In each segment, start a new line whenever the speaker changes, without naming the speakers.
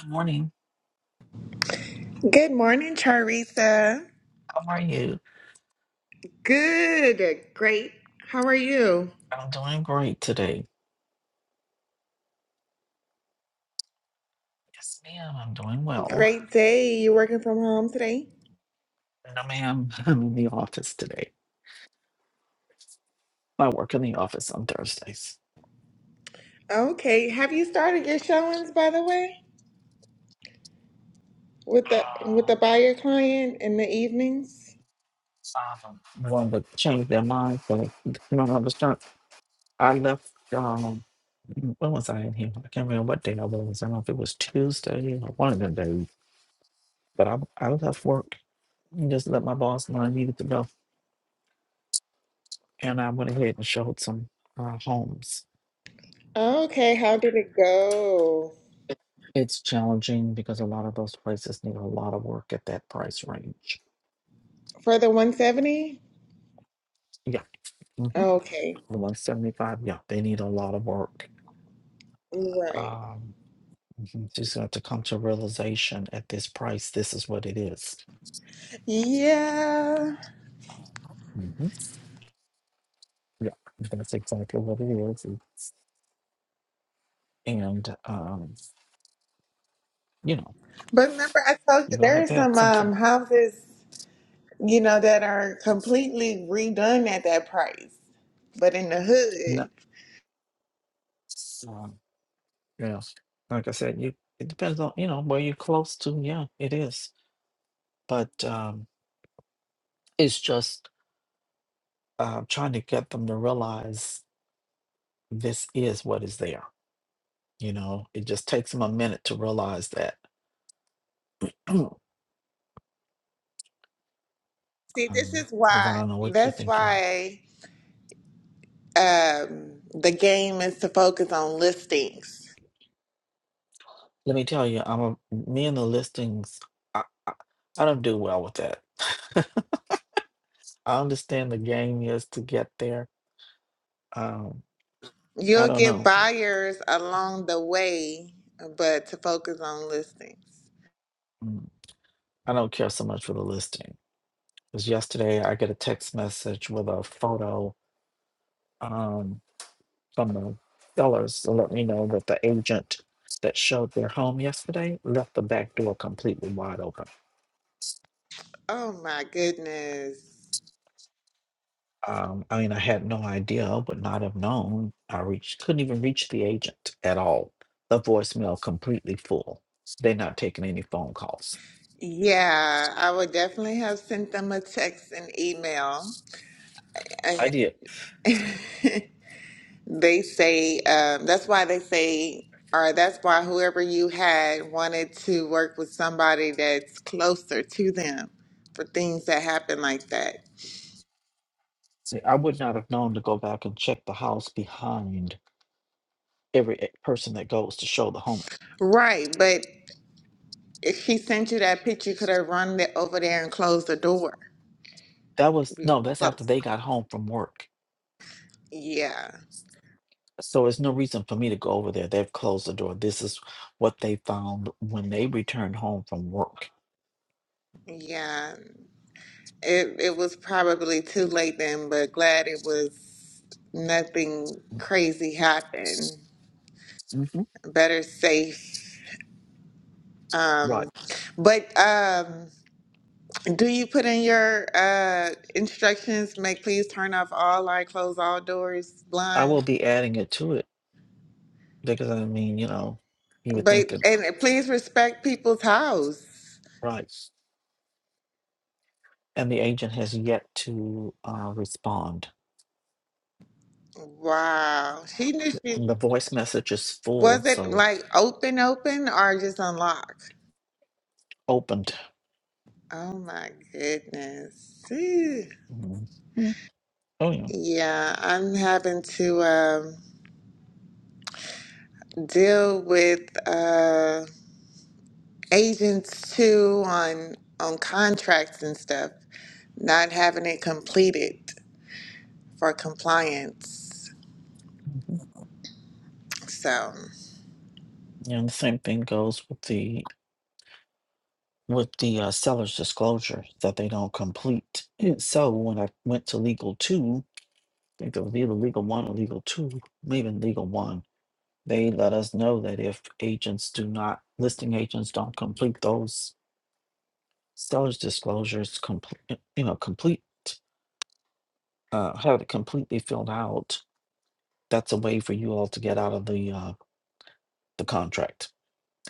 Good morning.
Good morning, Charissa.
How are you?
Good. Great. How are you?
I'm doing great today. Yes, ma'am. I'm doing well.
Great day. You working from home today?
No, ma'am. I'm in the office today. I work in the office on Thursdays.
Okay. Have you started your showings by the way? With the with
Uh,
the buyer client in the evenings?
um, one would change their mind, but you know, I was not. I left. Um, when was I in here? I can't remember what day I was. I don't know if it was Tuesday or one of the days. But I I left work and just let my boss know I needed to go, and I went ahead and showed some uh, homes
Okay, how did it go?
It's challenging because a lot of those places need a lot of work at that price range.
For the 170?
Yeah. hmm
Okay.
The 175, yeah, they need a lot of work.
Right.
Um, mhm, just have to come to realization at this price, this is what it is.
Yeah.
Mhm. Yeah, that's exactly what it is. And and, um, you know,
But remember I told
you're
you
gonna
there
have
are
to have
some
something
um houses, you know, that are completely redone at that price. But in the hood.
nuts. Um, yeah, like I said, you it depends on, you know, where you're close to. Yeah, it is. But um, it's just uh, trying to get them to realize this is what is there. You know, it just takes them a minute to realize that.
See, this
Um,
is
Because I
why,
don't know what you're
that's
thinking.
why um, the game is to focus on listings.
Let me tell you, I'm a, me and the listings. I, I, I don't do well with that. I understand the game is to get there. Um, I
You'll
don't
get
know.
buyers along the way, but to focus on listings.
Mm, I don't care so much for the listing. Because yesterday I get a text message with a photo. um, from the sellers to let me know that the agent that showed their home yesterday left the back door completely wide open.
Oh my goodness.
Um, I mean, I had no idea, would not have known. I reached, couldn't even reach the agent at all. The voicemail completely full. They're not taking any phone calls.
Yeah, I would definitely have sent them a text and email.
I
And
did.
they say, um, that's why they say, or that's why whoever you had wanted to work with somebody that's closer to them for things that happen like that.
See, I would not have known to go back and check the house behind every e- person that goes to show the home.
Right, but if she sent you that picture, you could have run the, over there and closed the door.
That was
We were
no, that's after
close.
they got home from work
Yeah,
So it's no reason for me to go over there. They've closed the door. This is what they found when they returned home from work.
yeah. It it was probably too late then, but glad it was nothing crazy happened.
hmm
Better safe.
Right.
Um, but um, do you put in your uh instructions? Make please turn off all light, close all doors,
I will
blinds.
be adding it to it because I mean, you know, you would think
But
that
and please respect people's house.
right. And the agent has yet to uh, respond.
Wow. She knew she
The voice message is full,
was it
so
like open open or just unlock?
opened.
Oh my goodness. Ew.
Mhm. mm Oh yeah.
Yeah, I'm having to um deal with uh agents too on on contracts and stuff, not having it completed for compliance.
hmm
So,
And the same thing goes with the with the uh, seller's disclosure that they don't complete. And So when I went to legal two, I think it was either legal one or legal two, maybe legal one. They let us know that if agents do not, listing agents don't complete those seller's disclosures, complete, you know, complete, uh, have it completely filled out. That's a way for you all to get out of the, uh, the contract.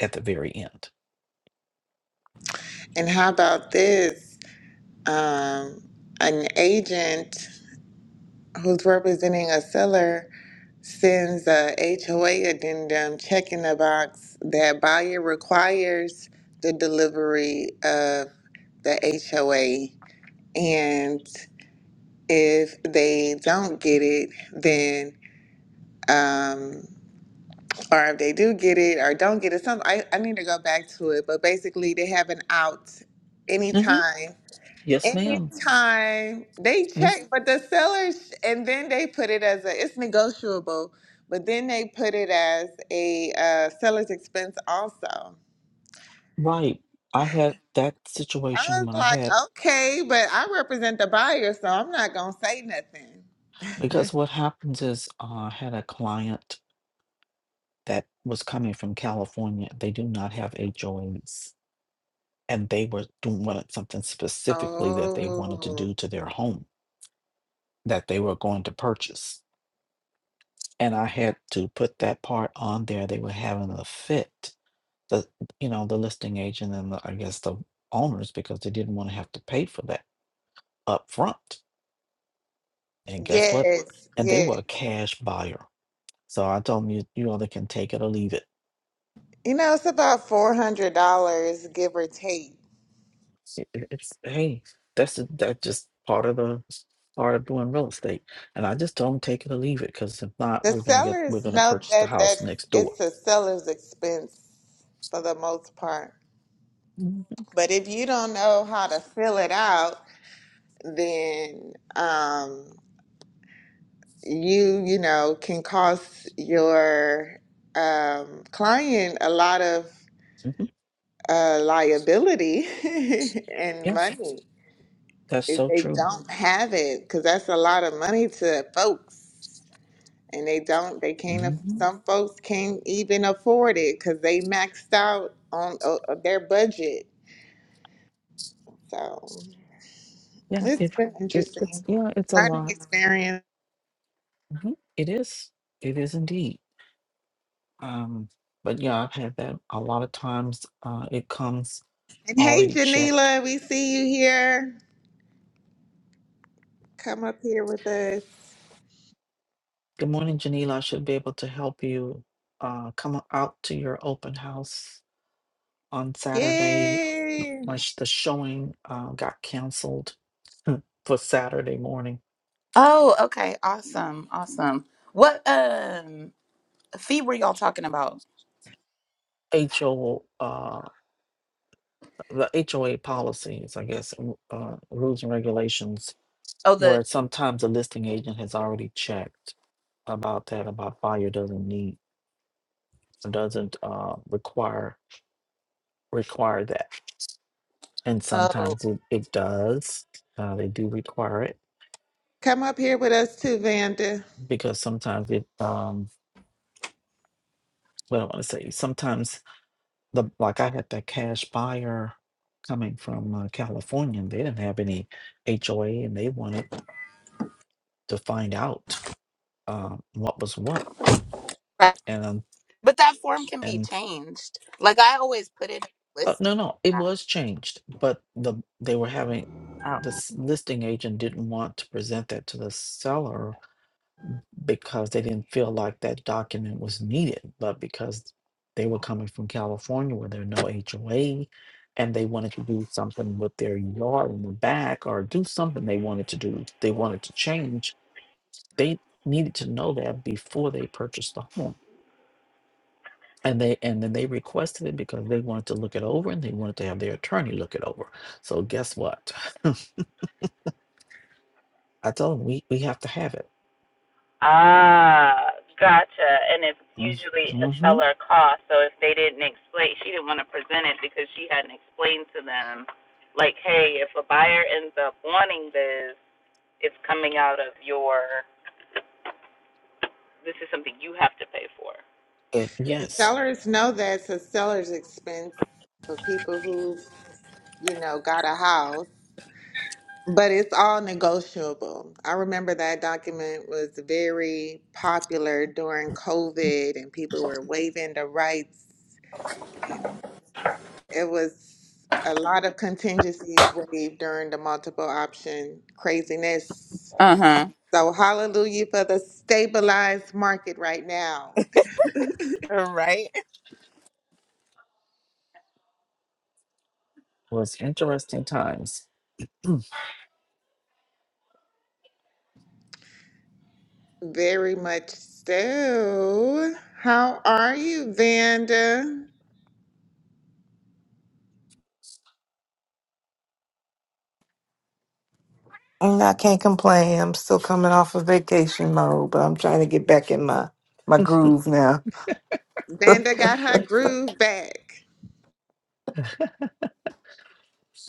at the very end.
and how about this? Um an agent who's representing a seller sends a HOA addendum checking the box that buyer requires the delivery of the HOA. And if they don't get it, then um, or if they do get it or don't get it, some I, I need to go back to it, but basically they have an out
hmm
anytime
Yes, madam
Anytime they check, but the sellers, and then they put it as a, it's negotiable, but then they put it as a uh, seller's expense also.
Right. I had that
I
situation
was
when I
like,
had,
okay, but I represent the buyer, so I'm not gonna say nothing.
because what happens is uh, I had a client that was coming from California. They do not have HOAs. And they were doing wanted something specifically that they wanted to
Oh,
do to their home that they were going to purchase. And I had to put that part on there. They were having a fit. The you know, the listing agent and the, I guess the owners because they didn't want to have to pay for that up front. And guess what?
yes,
And they were
yes.
a cash buyer. So I told them you you either can take it or leave it
You know, it's about four hundred dollars, give or take.
It- it- It's hey, that's the- that's just part of the part of doing real estate. And I just don't take it or leave it because if not,
The
we're gonna get we're
sellers
gonna
know
purchase the
that that
house next door.
it's a seller's expense for the most part.
Mhm,
But if you don't know how to fill it out, then um, you, you know, can cost your um, client a lot of
mhm.
uh, liability and
Yes,
money
that's
if
so
they
true.
don't have it, because that's a lot of money to folks. And they don't, they can't, aff-
hmm
some folks can't even afford it because they maxed out on uh, their budget. So
Yeah,
it's
it,
been
it it's
interesting
yeah, it's a
learning
lot.
experience.
Mhm. It is. It is indeed. Um, but yeah, I've had that a lot of times. Uh, it comes
And hey,
already checked.
Janila, we see you here. Come up here with us.
Good morning, Janila. I should be able to help you. Uh, come out to your open house on Saturday,
Yay!
much the showing uh, got canceled for Saturday morning.
Oh, okay. Awesome. Awesome. What um fee were y'all talking about?
HO, uh, the HOA policies, I guess, w- uh, rules and regulations,
Oh,
where
the
sometimes the listing agent has already checked about that, about buyer doesn't need, doesn't uh, require require that, and
oh,
sometimes it, it does. Uh, they do require it
Come up here with us too, Vanda.
because sometimes it um, what do I want to say, sometimes the like I had that cash buyer coming from uh, California, and they didn't have any HOA, and they wanted to find out uh, what was what,
right.
and um,
But that form can be
and
changed. Like I always put it in a
uh,
list.
no, no, it was changed, but the they were having
Oh,
the s- listing agent didn't want to present that to the seller because they didn't feel like that document was needed, but because they were coming from California where there are no HOA and they wanted to do something with their yard in the back or do something they wanted to do, they wanted to change, they needed to know that before they purchased the home. And they and then they requested it because they wanted to look it over and they wanted to have their attorney look it over. So guess what? I told them we, we have to have it.
Ah, gotcha. Usually a
Mm-hmm.
seller cost. So if they didn't explain, she didn't want to present it because she hadn't explained to them. Like the warning is, it's out of your. This is something you have to pay for.
It
And
yes
sellers know that's a seller's expense for people who've, you know, got a house, but it's all negotiable. I remember that document was very popular during COVID and people were waiving the rights. It was a lot of contingencies waived during the multiple option craziness.
Uh-huh.
So hallelujah for the stabilized market right now.
Right.
was interesting times
Very much so. How are you, Vanda?
Mm, I can't complain. I'm still coming off of vacation mode, but I'm trying to get back in my my groove now.
Vanda got her groove back.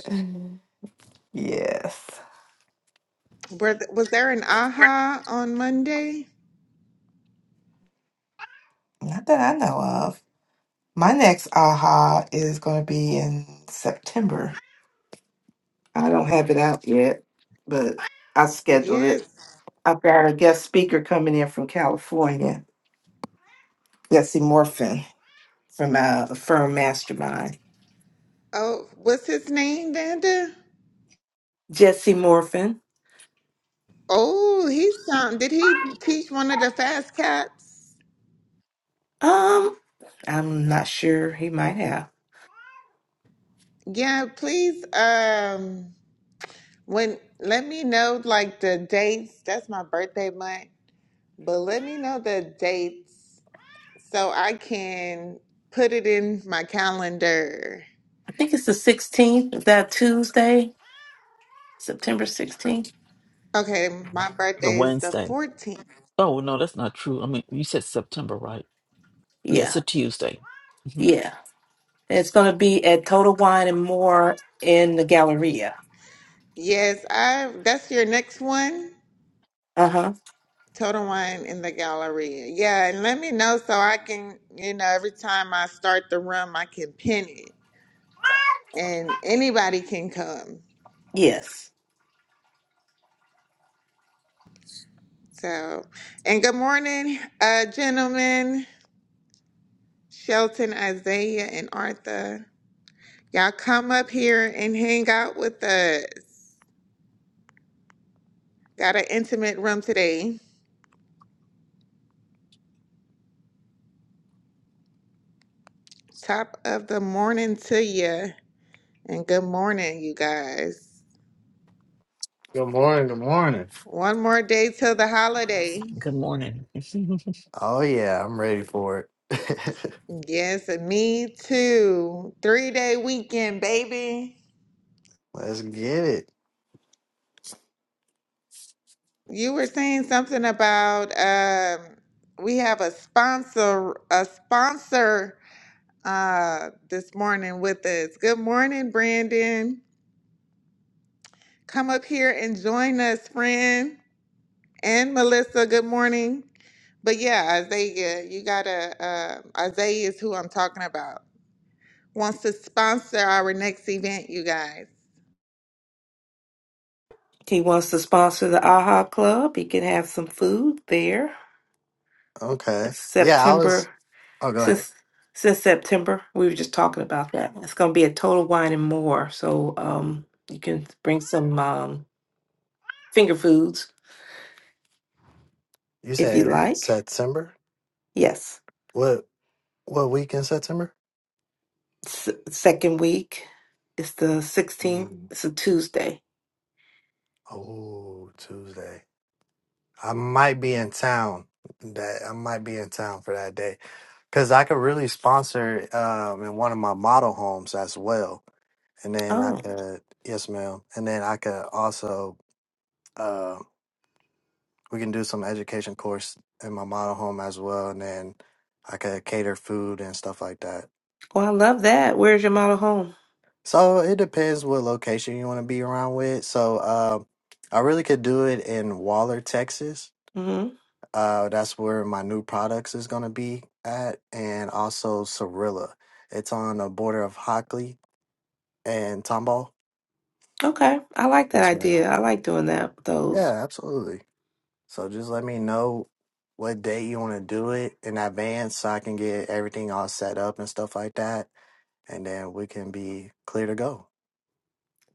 Yes.
Were th- was there an aha on Monday?
Not that I know of. My next aha is going to be in September. I don't have it out yet, but I scheduled it.
Yes.
I've got a guest speaker coming in from California, Jesse Morfin from uh, Firm Mastermind.
Oh, what's his name, Vanda?
Jesse Morfin.
Oh, he sound. Did he teach one of the fast cats?
Um, I'm not sure he might have.
Yeah, please um when let me know like the dates. That's my birthday month. But let me know the dates so I can put it in my calendar.
I think it's the 16th. Is that Tuesday? September 16th?
Okay, my
It's a
birthday is the
Wednesday.
14th.
Oh, no, that's not true. I mean, you said September, right? Yeah, it's
Yeah.
a Tuesday. Mhm.
Yeah. It's going to be at Total Wine and More in the Galleria.
Yes, I that's your next one.
Uh huh.
Total Wine in the gallery. Yeah, and let me know so I can, you know, every time I start the room, I can pin it and anybody can come.
Yes.
So, and good morning, uh, gentlemen, Shelton, Isaiah, and Artha. Y'all come up here and hang out with us. Got an intimate room today. Top of the morning to you, and good morning, you guys.
Good morning. Good morning.
One more day till the holiday.
Good morning.
Oh yeah, I'm ready for it.
Yes, and me too. Three day weekend, baby.
Let's get it.
You were saying something about um, we have a sponsor, a sponsor uh, this morning with us. Good morning, Brandon. Come up here and join us, friend. And Melissa, good morning. But yeah, Isaiah, you gotta, uh, Isaiah is who I'm talking about. Wants to sponsor our next event, you guys.
He wants to sponsor the AHA Club. He can have some food there.
Okay.
It's
Yeah, I was.
September,
Oh, go ahead.
since, since September, we were just talking about that. It's going to be at Total Wine and More. So um, you can bring some um, finger foods
You
if you
saying
like.
September?
Yes.
What? What week in September?
s- second week. It's the 16th.
Ooh.
It's a Tuesday.
Oh, Tuesday. I might be in town. That I might be in town for that day because I could really sponsor um in one of my model homes as well, and then I
Oh,
could yes, ma'am, and then I could also uh, we can do some education course in my model home as well, and then I could cater food and stuff like that.
well, I love that. Where's your model home?
So it depends what location you want to be around with. So uh, I really could do it in Waller, Texas.
hmm
Uh, that's where my new products is gonna be at, and also Cirilla. It's on the border of Hockley and Tomball.
Okay, I like that
Yes, ma'am.
idea. I like doing that. Those
Yeah, absolutely. So just let me know what day you want to do it in advance so I can get everything all set up and stuff like that. And then we can be clear to go.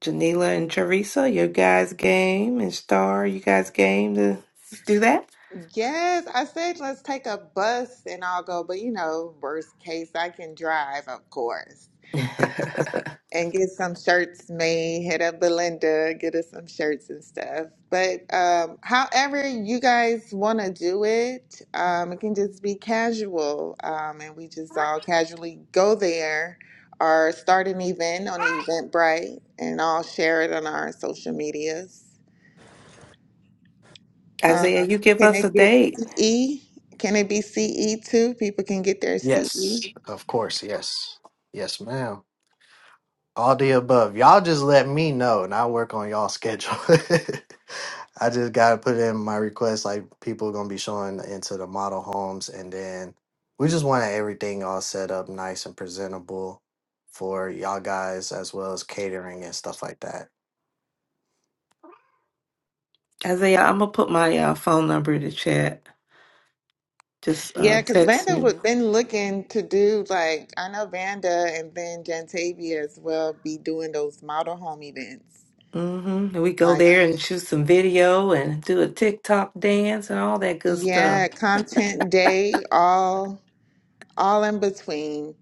Janila and Teresa, your guys' game, and Star, you guys' game to do that.
Yes, I said let's take a bus and I'll go, but you know, worst case, I can drive, of course. and get some shirts made. Hit up Belinda, get us some shirts and stuff. But um, however you guys want to do it, um, it can just be casual, um, and we just all casually go there or start an event on Eventbrite, and all share it on our social medias. Um,
Isaiah, you give
can
us a
it get
date.
CE? Can it be CE too? People can get their CE.
Yes. Of course. Yes. Yes, ma'am. All the above. Y'all just let me know and I'll work on y'all schedule. I just got to put in my request. Like people going to be showing into the model homes. And then we just want everything all set up nice and presentable for y'all guys as well as catering and stuff like that.
Isaiah, I'm gonna put my uh, phone number in the chat. Just uh,
Yeah, because
text
Vanda
me.
would been looking to do like I know Vanda and then Jantavia as well be doing those model home events.
Mm-hmm. And we go
Like
there and shoot some video and do a TikTok dance and all that good stuff.
yeah, content day, all all in between.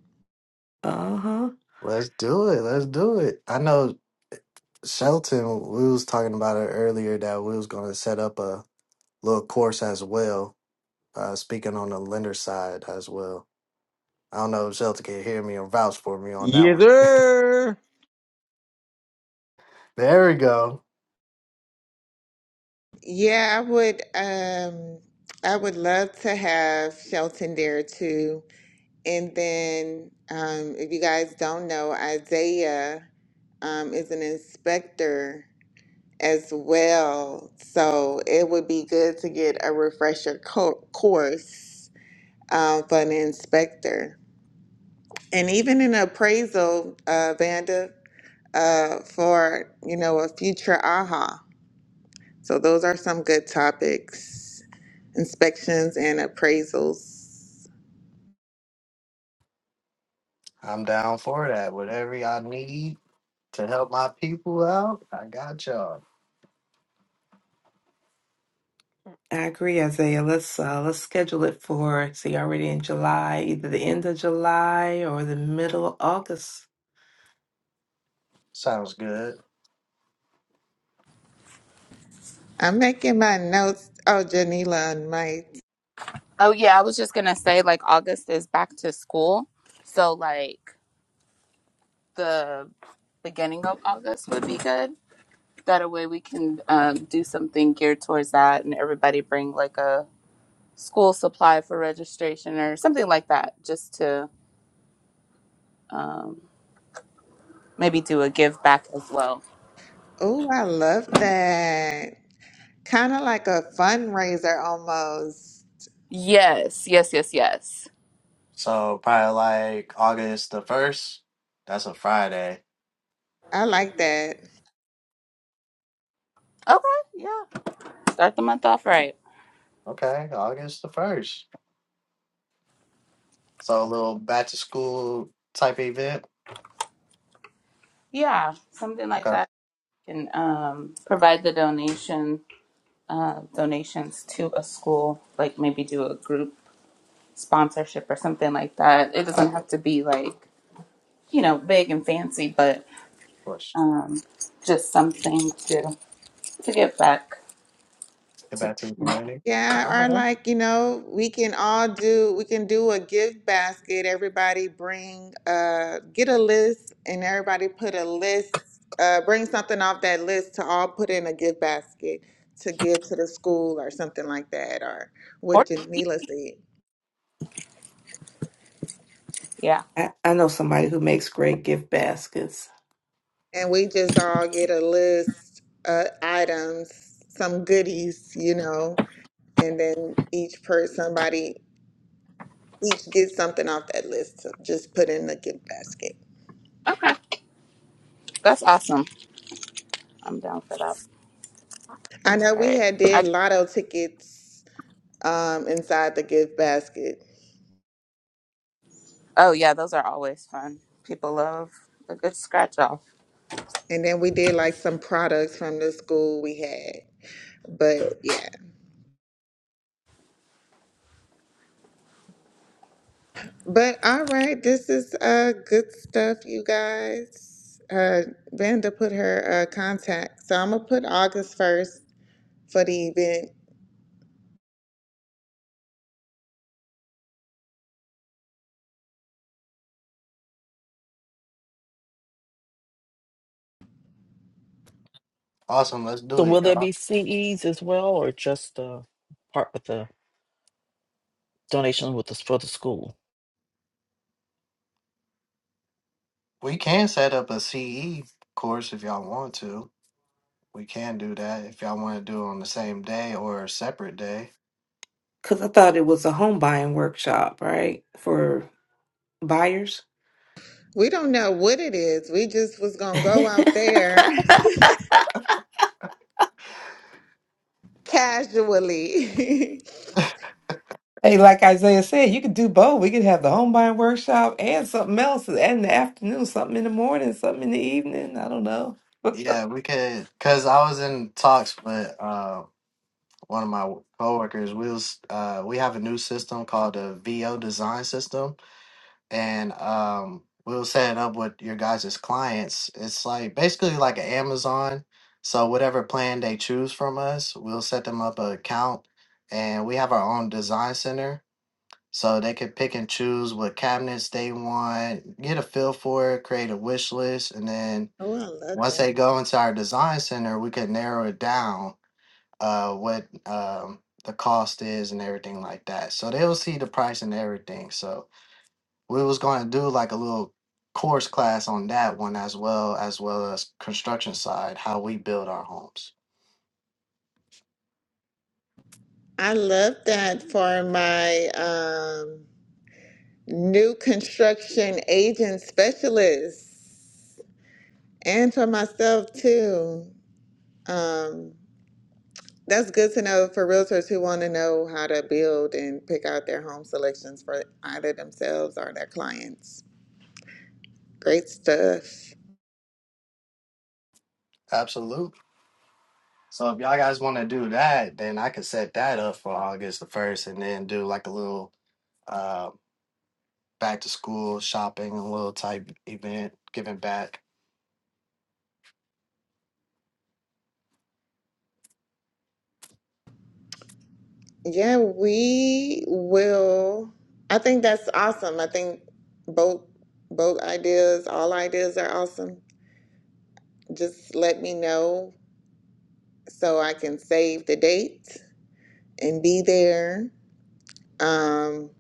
Uh-huh.
Let's do it. Let's do it. I know Shelton, we was talking about it earlier that we was going to set up a little course as well, uh, speaking on the lender side as well. I don't know if Shelton can hear me or vouch for me on that
Yes,
one.
sir.
There we go.
Yeah, I would um I would love to have Shelton there too. And then um if you guys don't know, Isaiah um is an inspector as well. So it would be good to get a refresher co- course um, for an inspector, and even an appraisal, uh, Vanda, uh, for you know a future AHA. So those are some good topics: inspections and appraisals.
I'm down for that. Whatever y'all need to help my people out, I got y'all.
I agree, Isaiah. Let's uh let's schedule it for see already in July, either the end of July or the middle of August.
Sounds good.
I'm making my notes. Oh, Janila and Mike.
Oh yeah, I was just gonna say like August is back to school, so like the beginning of August would be good. That way we can um, do something geared towards that, and everybody bring like a school supply for registration or something like that, just to um, maybe do a give back as well.
Oh, I love that. Kind of like a fundraiser almost.
Yes, yes, yes, yes.
So probably like August the 1st. That's a Friday.
I like that.
Okay, yeah. Start the month off right.
Okay, August the 1st. So a little back to school type event.
Yeah, something like
Okay, of
that can um, provide the donations uh, donations to a school, like maybe do a group sponsorship or something like that. It doesn't have to be like, you know, big and fancy, but
course.
um, just something to, to give back
Get
to the
back to the community.
Yeah,
All
or
right.
like, you know, we can all do, we can do a gift basket. Everybody bring, uh, get a list and everybody put a list, uh, bring something off that list to all put in a gift basket to give to the school or something like that, or what
sport.
Janila said.
Yeah.
I, I know somebody who makes great gift baskets.
And we just all get a list, uh, items, some goodies, you know, and then each person, somebody, each gets something off that list to just put in the gift basket.
Okay. That's awesome. I'm down for that.
I know
All
we
right.
had did
I,
lotto tickets um, inside the gift basket,
oh, yeah, those are always fun. People love a good scratch off.
and then we did like some products from the school we had. But yeah, but all right, this is uh good stuff, you guys. Uh, Vanda put her uh, contact, so I'm gonna put August first for the event.
Awesome. Let's
so,
do
will
it,
there
y'all.
be CEs as well, or just the part with the donation with the, for the school?
We can set up a CE course if y'all want to. We can do that if y'all want to do it on the same day or a separate day.
Cause I thought it was a home buying workshop, right? For buyers.
We don't know what it is. We just was gonna go out there casually.
Hey, like Isaiah said, you could do both. We could have the home buying workshop and something else and in the afternoon, something in the morning, something in the evening. I don't know.
Yeah, we could. Cause I was in talks with uh, one of my coworkers. We was uh, we have a new system called the VO design system and um we will set it up with your guys' clients. It's like basically like an Amazon. So whatever plan they choose from us, we'll set them up an account and we have our own design center. So they can pick and choose what cabinets they want, get a feel for it, create a wish list, and then
oh, I love
once
that.
they go into our design center, we can narrow it down uh what um the cost is and everything like that. So they'll see the price and everything. So we was going to do like a little course class on that one as well as well as construction side how we build our homes
I love that for my um New construction agent specialist, and for myself too. Um, that's good to know for realtors who want to know how to build and pick out their home selections for either themselves or their clients. Great stuff.
absolutely so if y'all guys want to do that then i could set that up for august the 1st and then do like a little uh back to school shopping a little type event giving back
Yeah, we will. I think that's awesome. I think both both ideas, all ideas are awesome. Just let me know so I can save the date and be there. Um,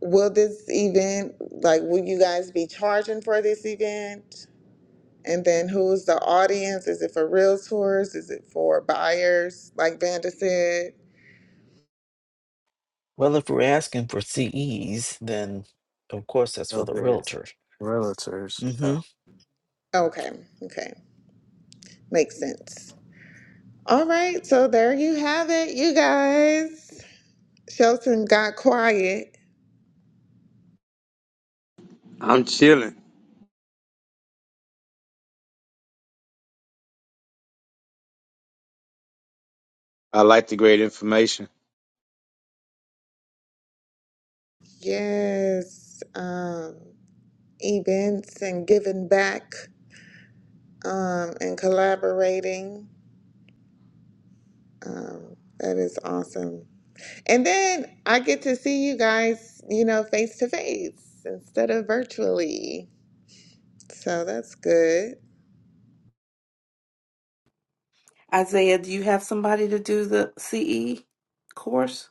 will this event, like, will you guys be charging for this event? And then who's the audience? Is it for realtors? Is it for buyers, like Vanda said?
Well, if we're asking for CEs, then of course that's for
Little
the
bit
realtor.
realtors
Mm-hmm.
yeah
Okay, okay, makes sense. All right, so there you have it, you guys. Shelton got quiet.
I'm chilling. I like the great information.
Yes, um, events and giving back um, and collaborating. Um, that is awesome. And then I get to see you guys, you know, face to face instead of virtually. So that's good.
Isaiah, do you have somebody to do the CE course?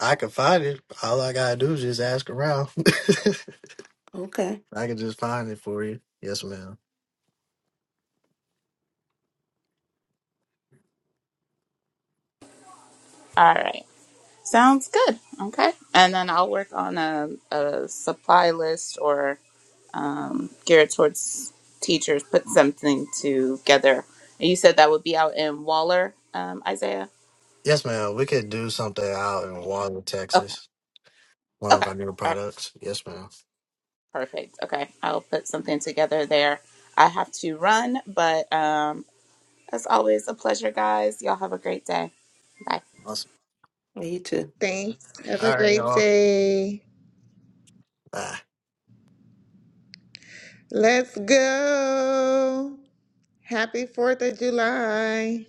i can find it all i gotta do is just ask around
Okay.
i can just find it for you yes ma'am
All right. Sounds good. Okay. And then I'll work on a, a supply list or um, geared towards teachers put something together. And you said that would be out in Waller, um, Isaiah?
yes ma'am we could do something out in water
Okay.
texas one of
Okay.
our newer
All right.
products. Yes, ma'am.
Perfect. Okay. I'll put something together there. I have to run, but um, as always, a pleasure, guys. Y'all have a great day. Bye.
Awesome.
Well, you too.
Thanks. Have a
All right,
great
y'all.
day.
Uh,
Let's go. Happy 4th of July.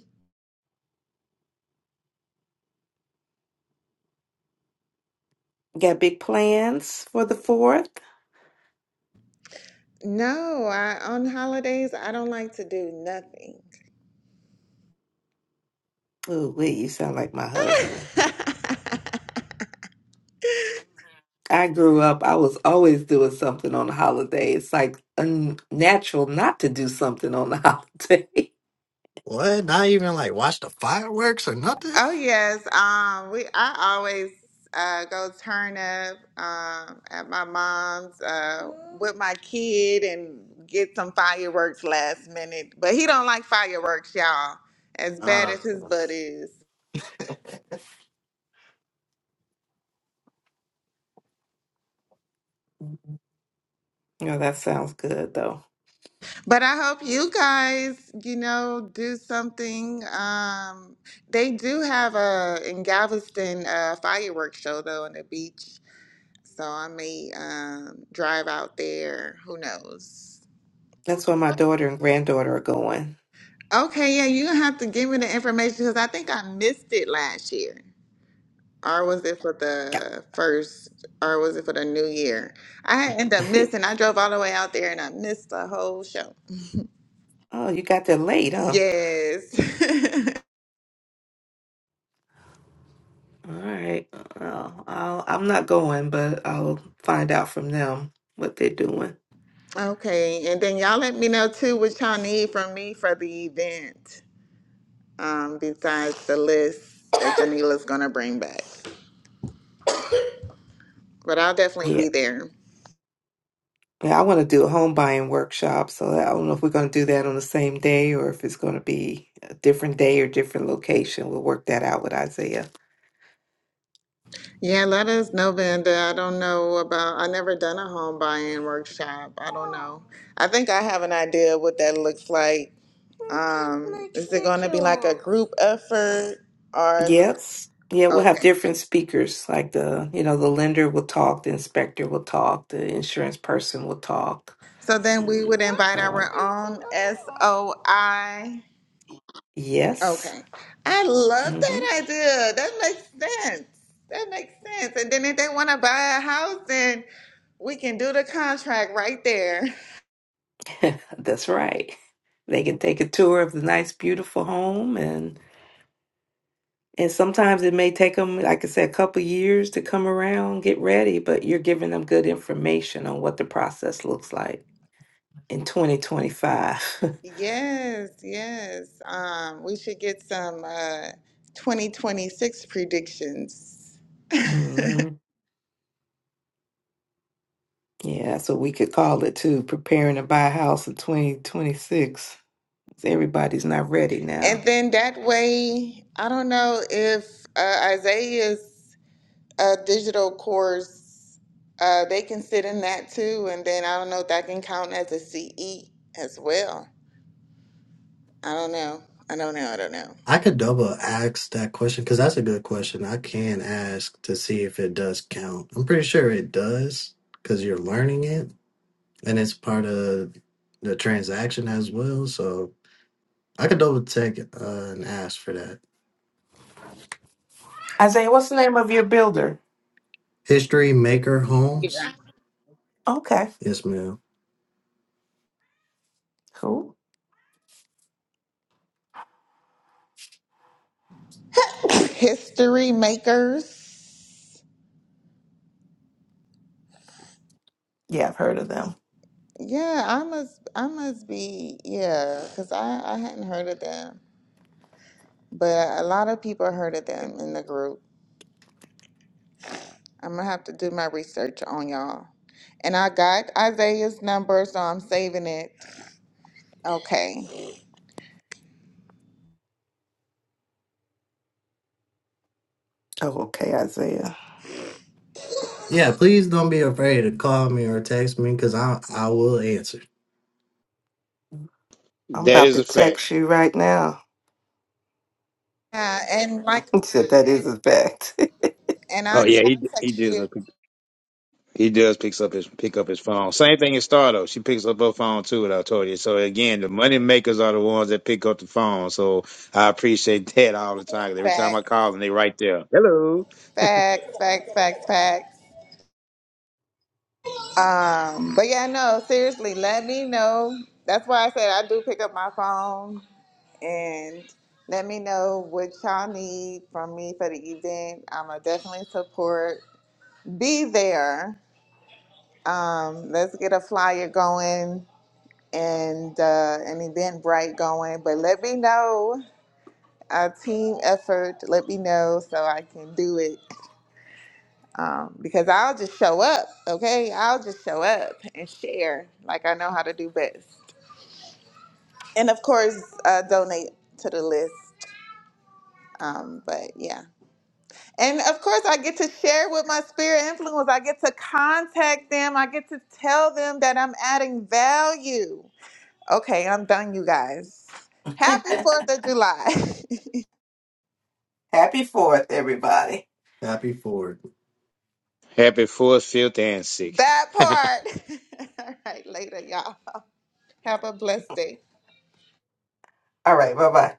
Got big plans for the fourth?
No, I on holidays I don't like to do nothing.
Ooh, wait, you sound like my husband. I grew up, I was always doing something on the holiday. It's like unnatural not to do something on the holiday.
what? Not even like watch the fireworks or nothing?
Oh yes, um, we I always uh, go turn up um, at my mom's uh, with my kid and get some fireworks last minute. But he don't like fireworks, y'all. As bad
Um,
as his butt is.
Yeah, that sounds good though.
But I hope you guys, you know, do something. Um, they do have a in Galveston uh, fireworks show though on the beach, so I may um, drive out there. Who knows?
That's where my daughter and granddaughter are going.
Okay, yeah, you have to give me the information because I think I missed it last year. Or was it for the first, or was it for the new year? I ended up
Yeah.
missing. I drove all the way out there and I missed the whole show.
Oh, you got there late, huh?
Yes.
All right. Well, I'll, I'm not going, but I'll find out from them what they're doing.
Okay, and then y'all let me know too what y'all need from me for the event, um, besides the list that Janila's gonna bring back. But I'll definitely
Yeah.
be there.
Yeah, I want to do a home buying workshop, so I don't know if we're going to do that on the same day or if it's going to be a different day or different location. We'll work that out with Isaiah.
Yeah, let us know, Vanda. I don't know about, I never done a home buying workshop. I don't know. I think I have an idea what that looks like. Um, is it going to be like a group effort or is it,
Yes. Yeah, we'll have
okay.
different speakers. Like the, you know, the lender will talk, the inspector will talk, the insurance person will talk.
So then we would invite our
Um,
own SOI.
yes.
Okay. I love
mm-hmm.
that idea. That makes sense. That makes sense. And then if they want to buy a house, then we can do the contract right there.
That's right. They can take a tour of the nice, beautiful home, and and sometimes it may take them, like I said, a couple years to come around, get ready. But you're giving them good information on what the process looks like in 2025.
Yes, yes. Um, we should get some uh, 2026 predictions.
hmm Yeah, so we could call it too. Preparing to buy a house in 2026. Everybody's not ready
And
now.
then that way, I don't know if uh, Isaiah's uh, digital course, uh, they can sit in that too. And then I don't know if that can count as a CE as well. I don't know. I don't know. I don't know.
I could double ask that question because that's a good question. I can ask to see if it does count. I'm pretty sure it does because you're learning it and it's part of the transaction as well. So I could double check uh, and ask for that.
Isaiah, what's the name of your builder?
History Maker Homes.
Okay,
Yes, ma'am.
cool.
History makers.
Yeah, I've heard of them.
Yeah, I must. I must be. Yeah, because I I hadn't heard of them. but a lot of people heard of them in the group. I'm gonna have to do my research on y'all. And I got Isaiah's number, so I'm saving it. Okay.
Oh, okay, Isaiah.
Yeah, please don't be afraid to call me or text me because I I will answer.
I'm
That
about
is
to
a fact.
text you right now.
Yeah, and like,
Except that is a fact.
and
Oh
I yeah,
yeah, he
I'll
he
text
does.
you
he does picks up his pick up his phone. Same thing as Star though. She picks up her phone too. What I told you. So again, the money makers are the ones that pick up the phone. So I appreciate that all the time. 'cause Every time I
back,
call them, they right there. Hello.
back, back, back, back. Um, but yeah, no, seriously, let me know. That's why I said I do pick up my phone and let me know what y'all need from me for the event. I'ma definitely support. Be there. Um, let's get a flyer going and uh, an Eventbrite going. But let me know a team effort. Let me know so I can do it. Um, because I'll just show up, okay? I'll just show up and share like I know how to do best. And of course, uh, donate to the list. Um, but yeah. And of course, I get to share with my spirit influence. I get to contact them. I get to tell them that I'm adding value Okay, I'm done, you guys. Happy 4th of July.
Happy fourth, everybody.
happy Ford.
Happy fourth, fifth, and sixth.
that part. All right, later, y'all. Have a blessed day.
All right, bye bye.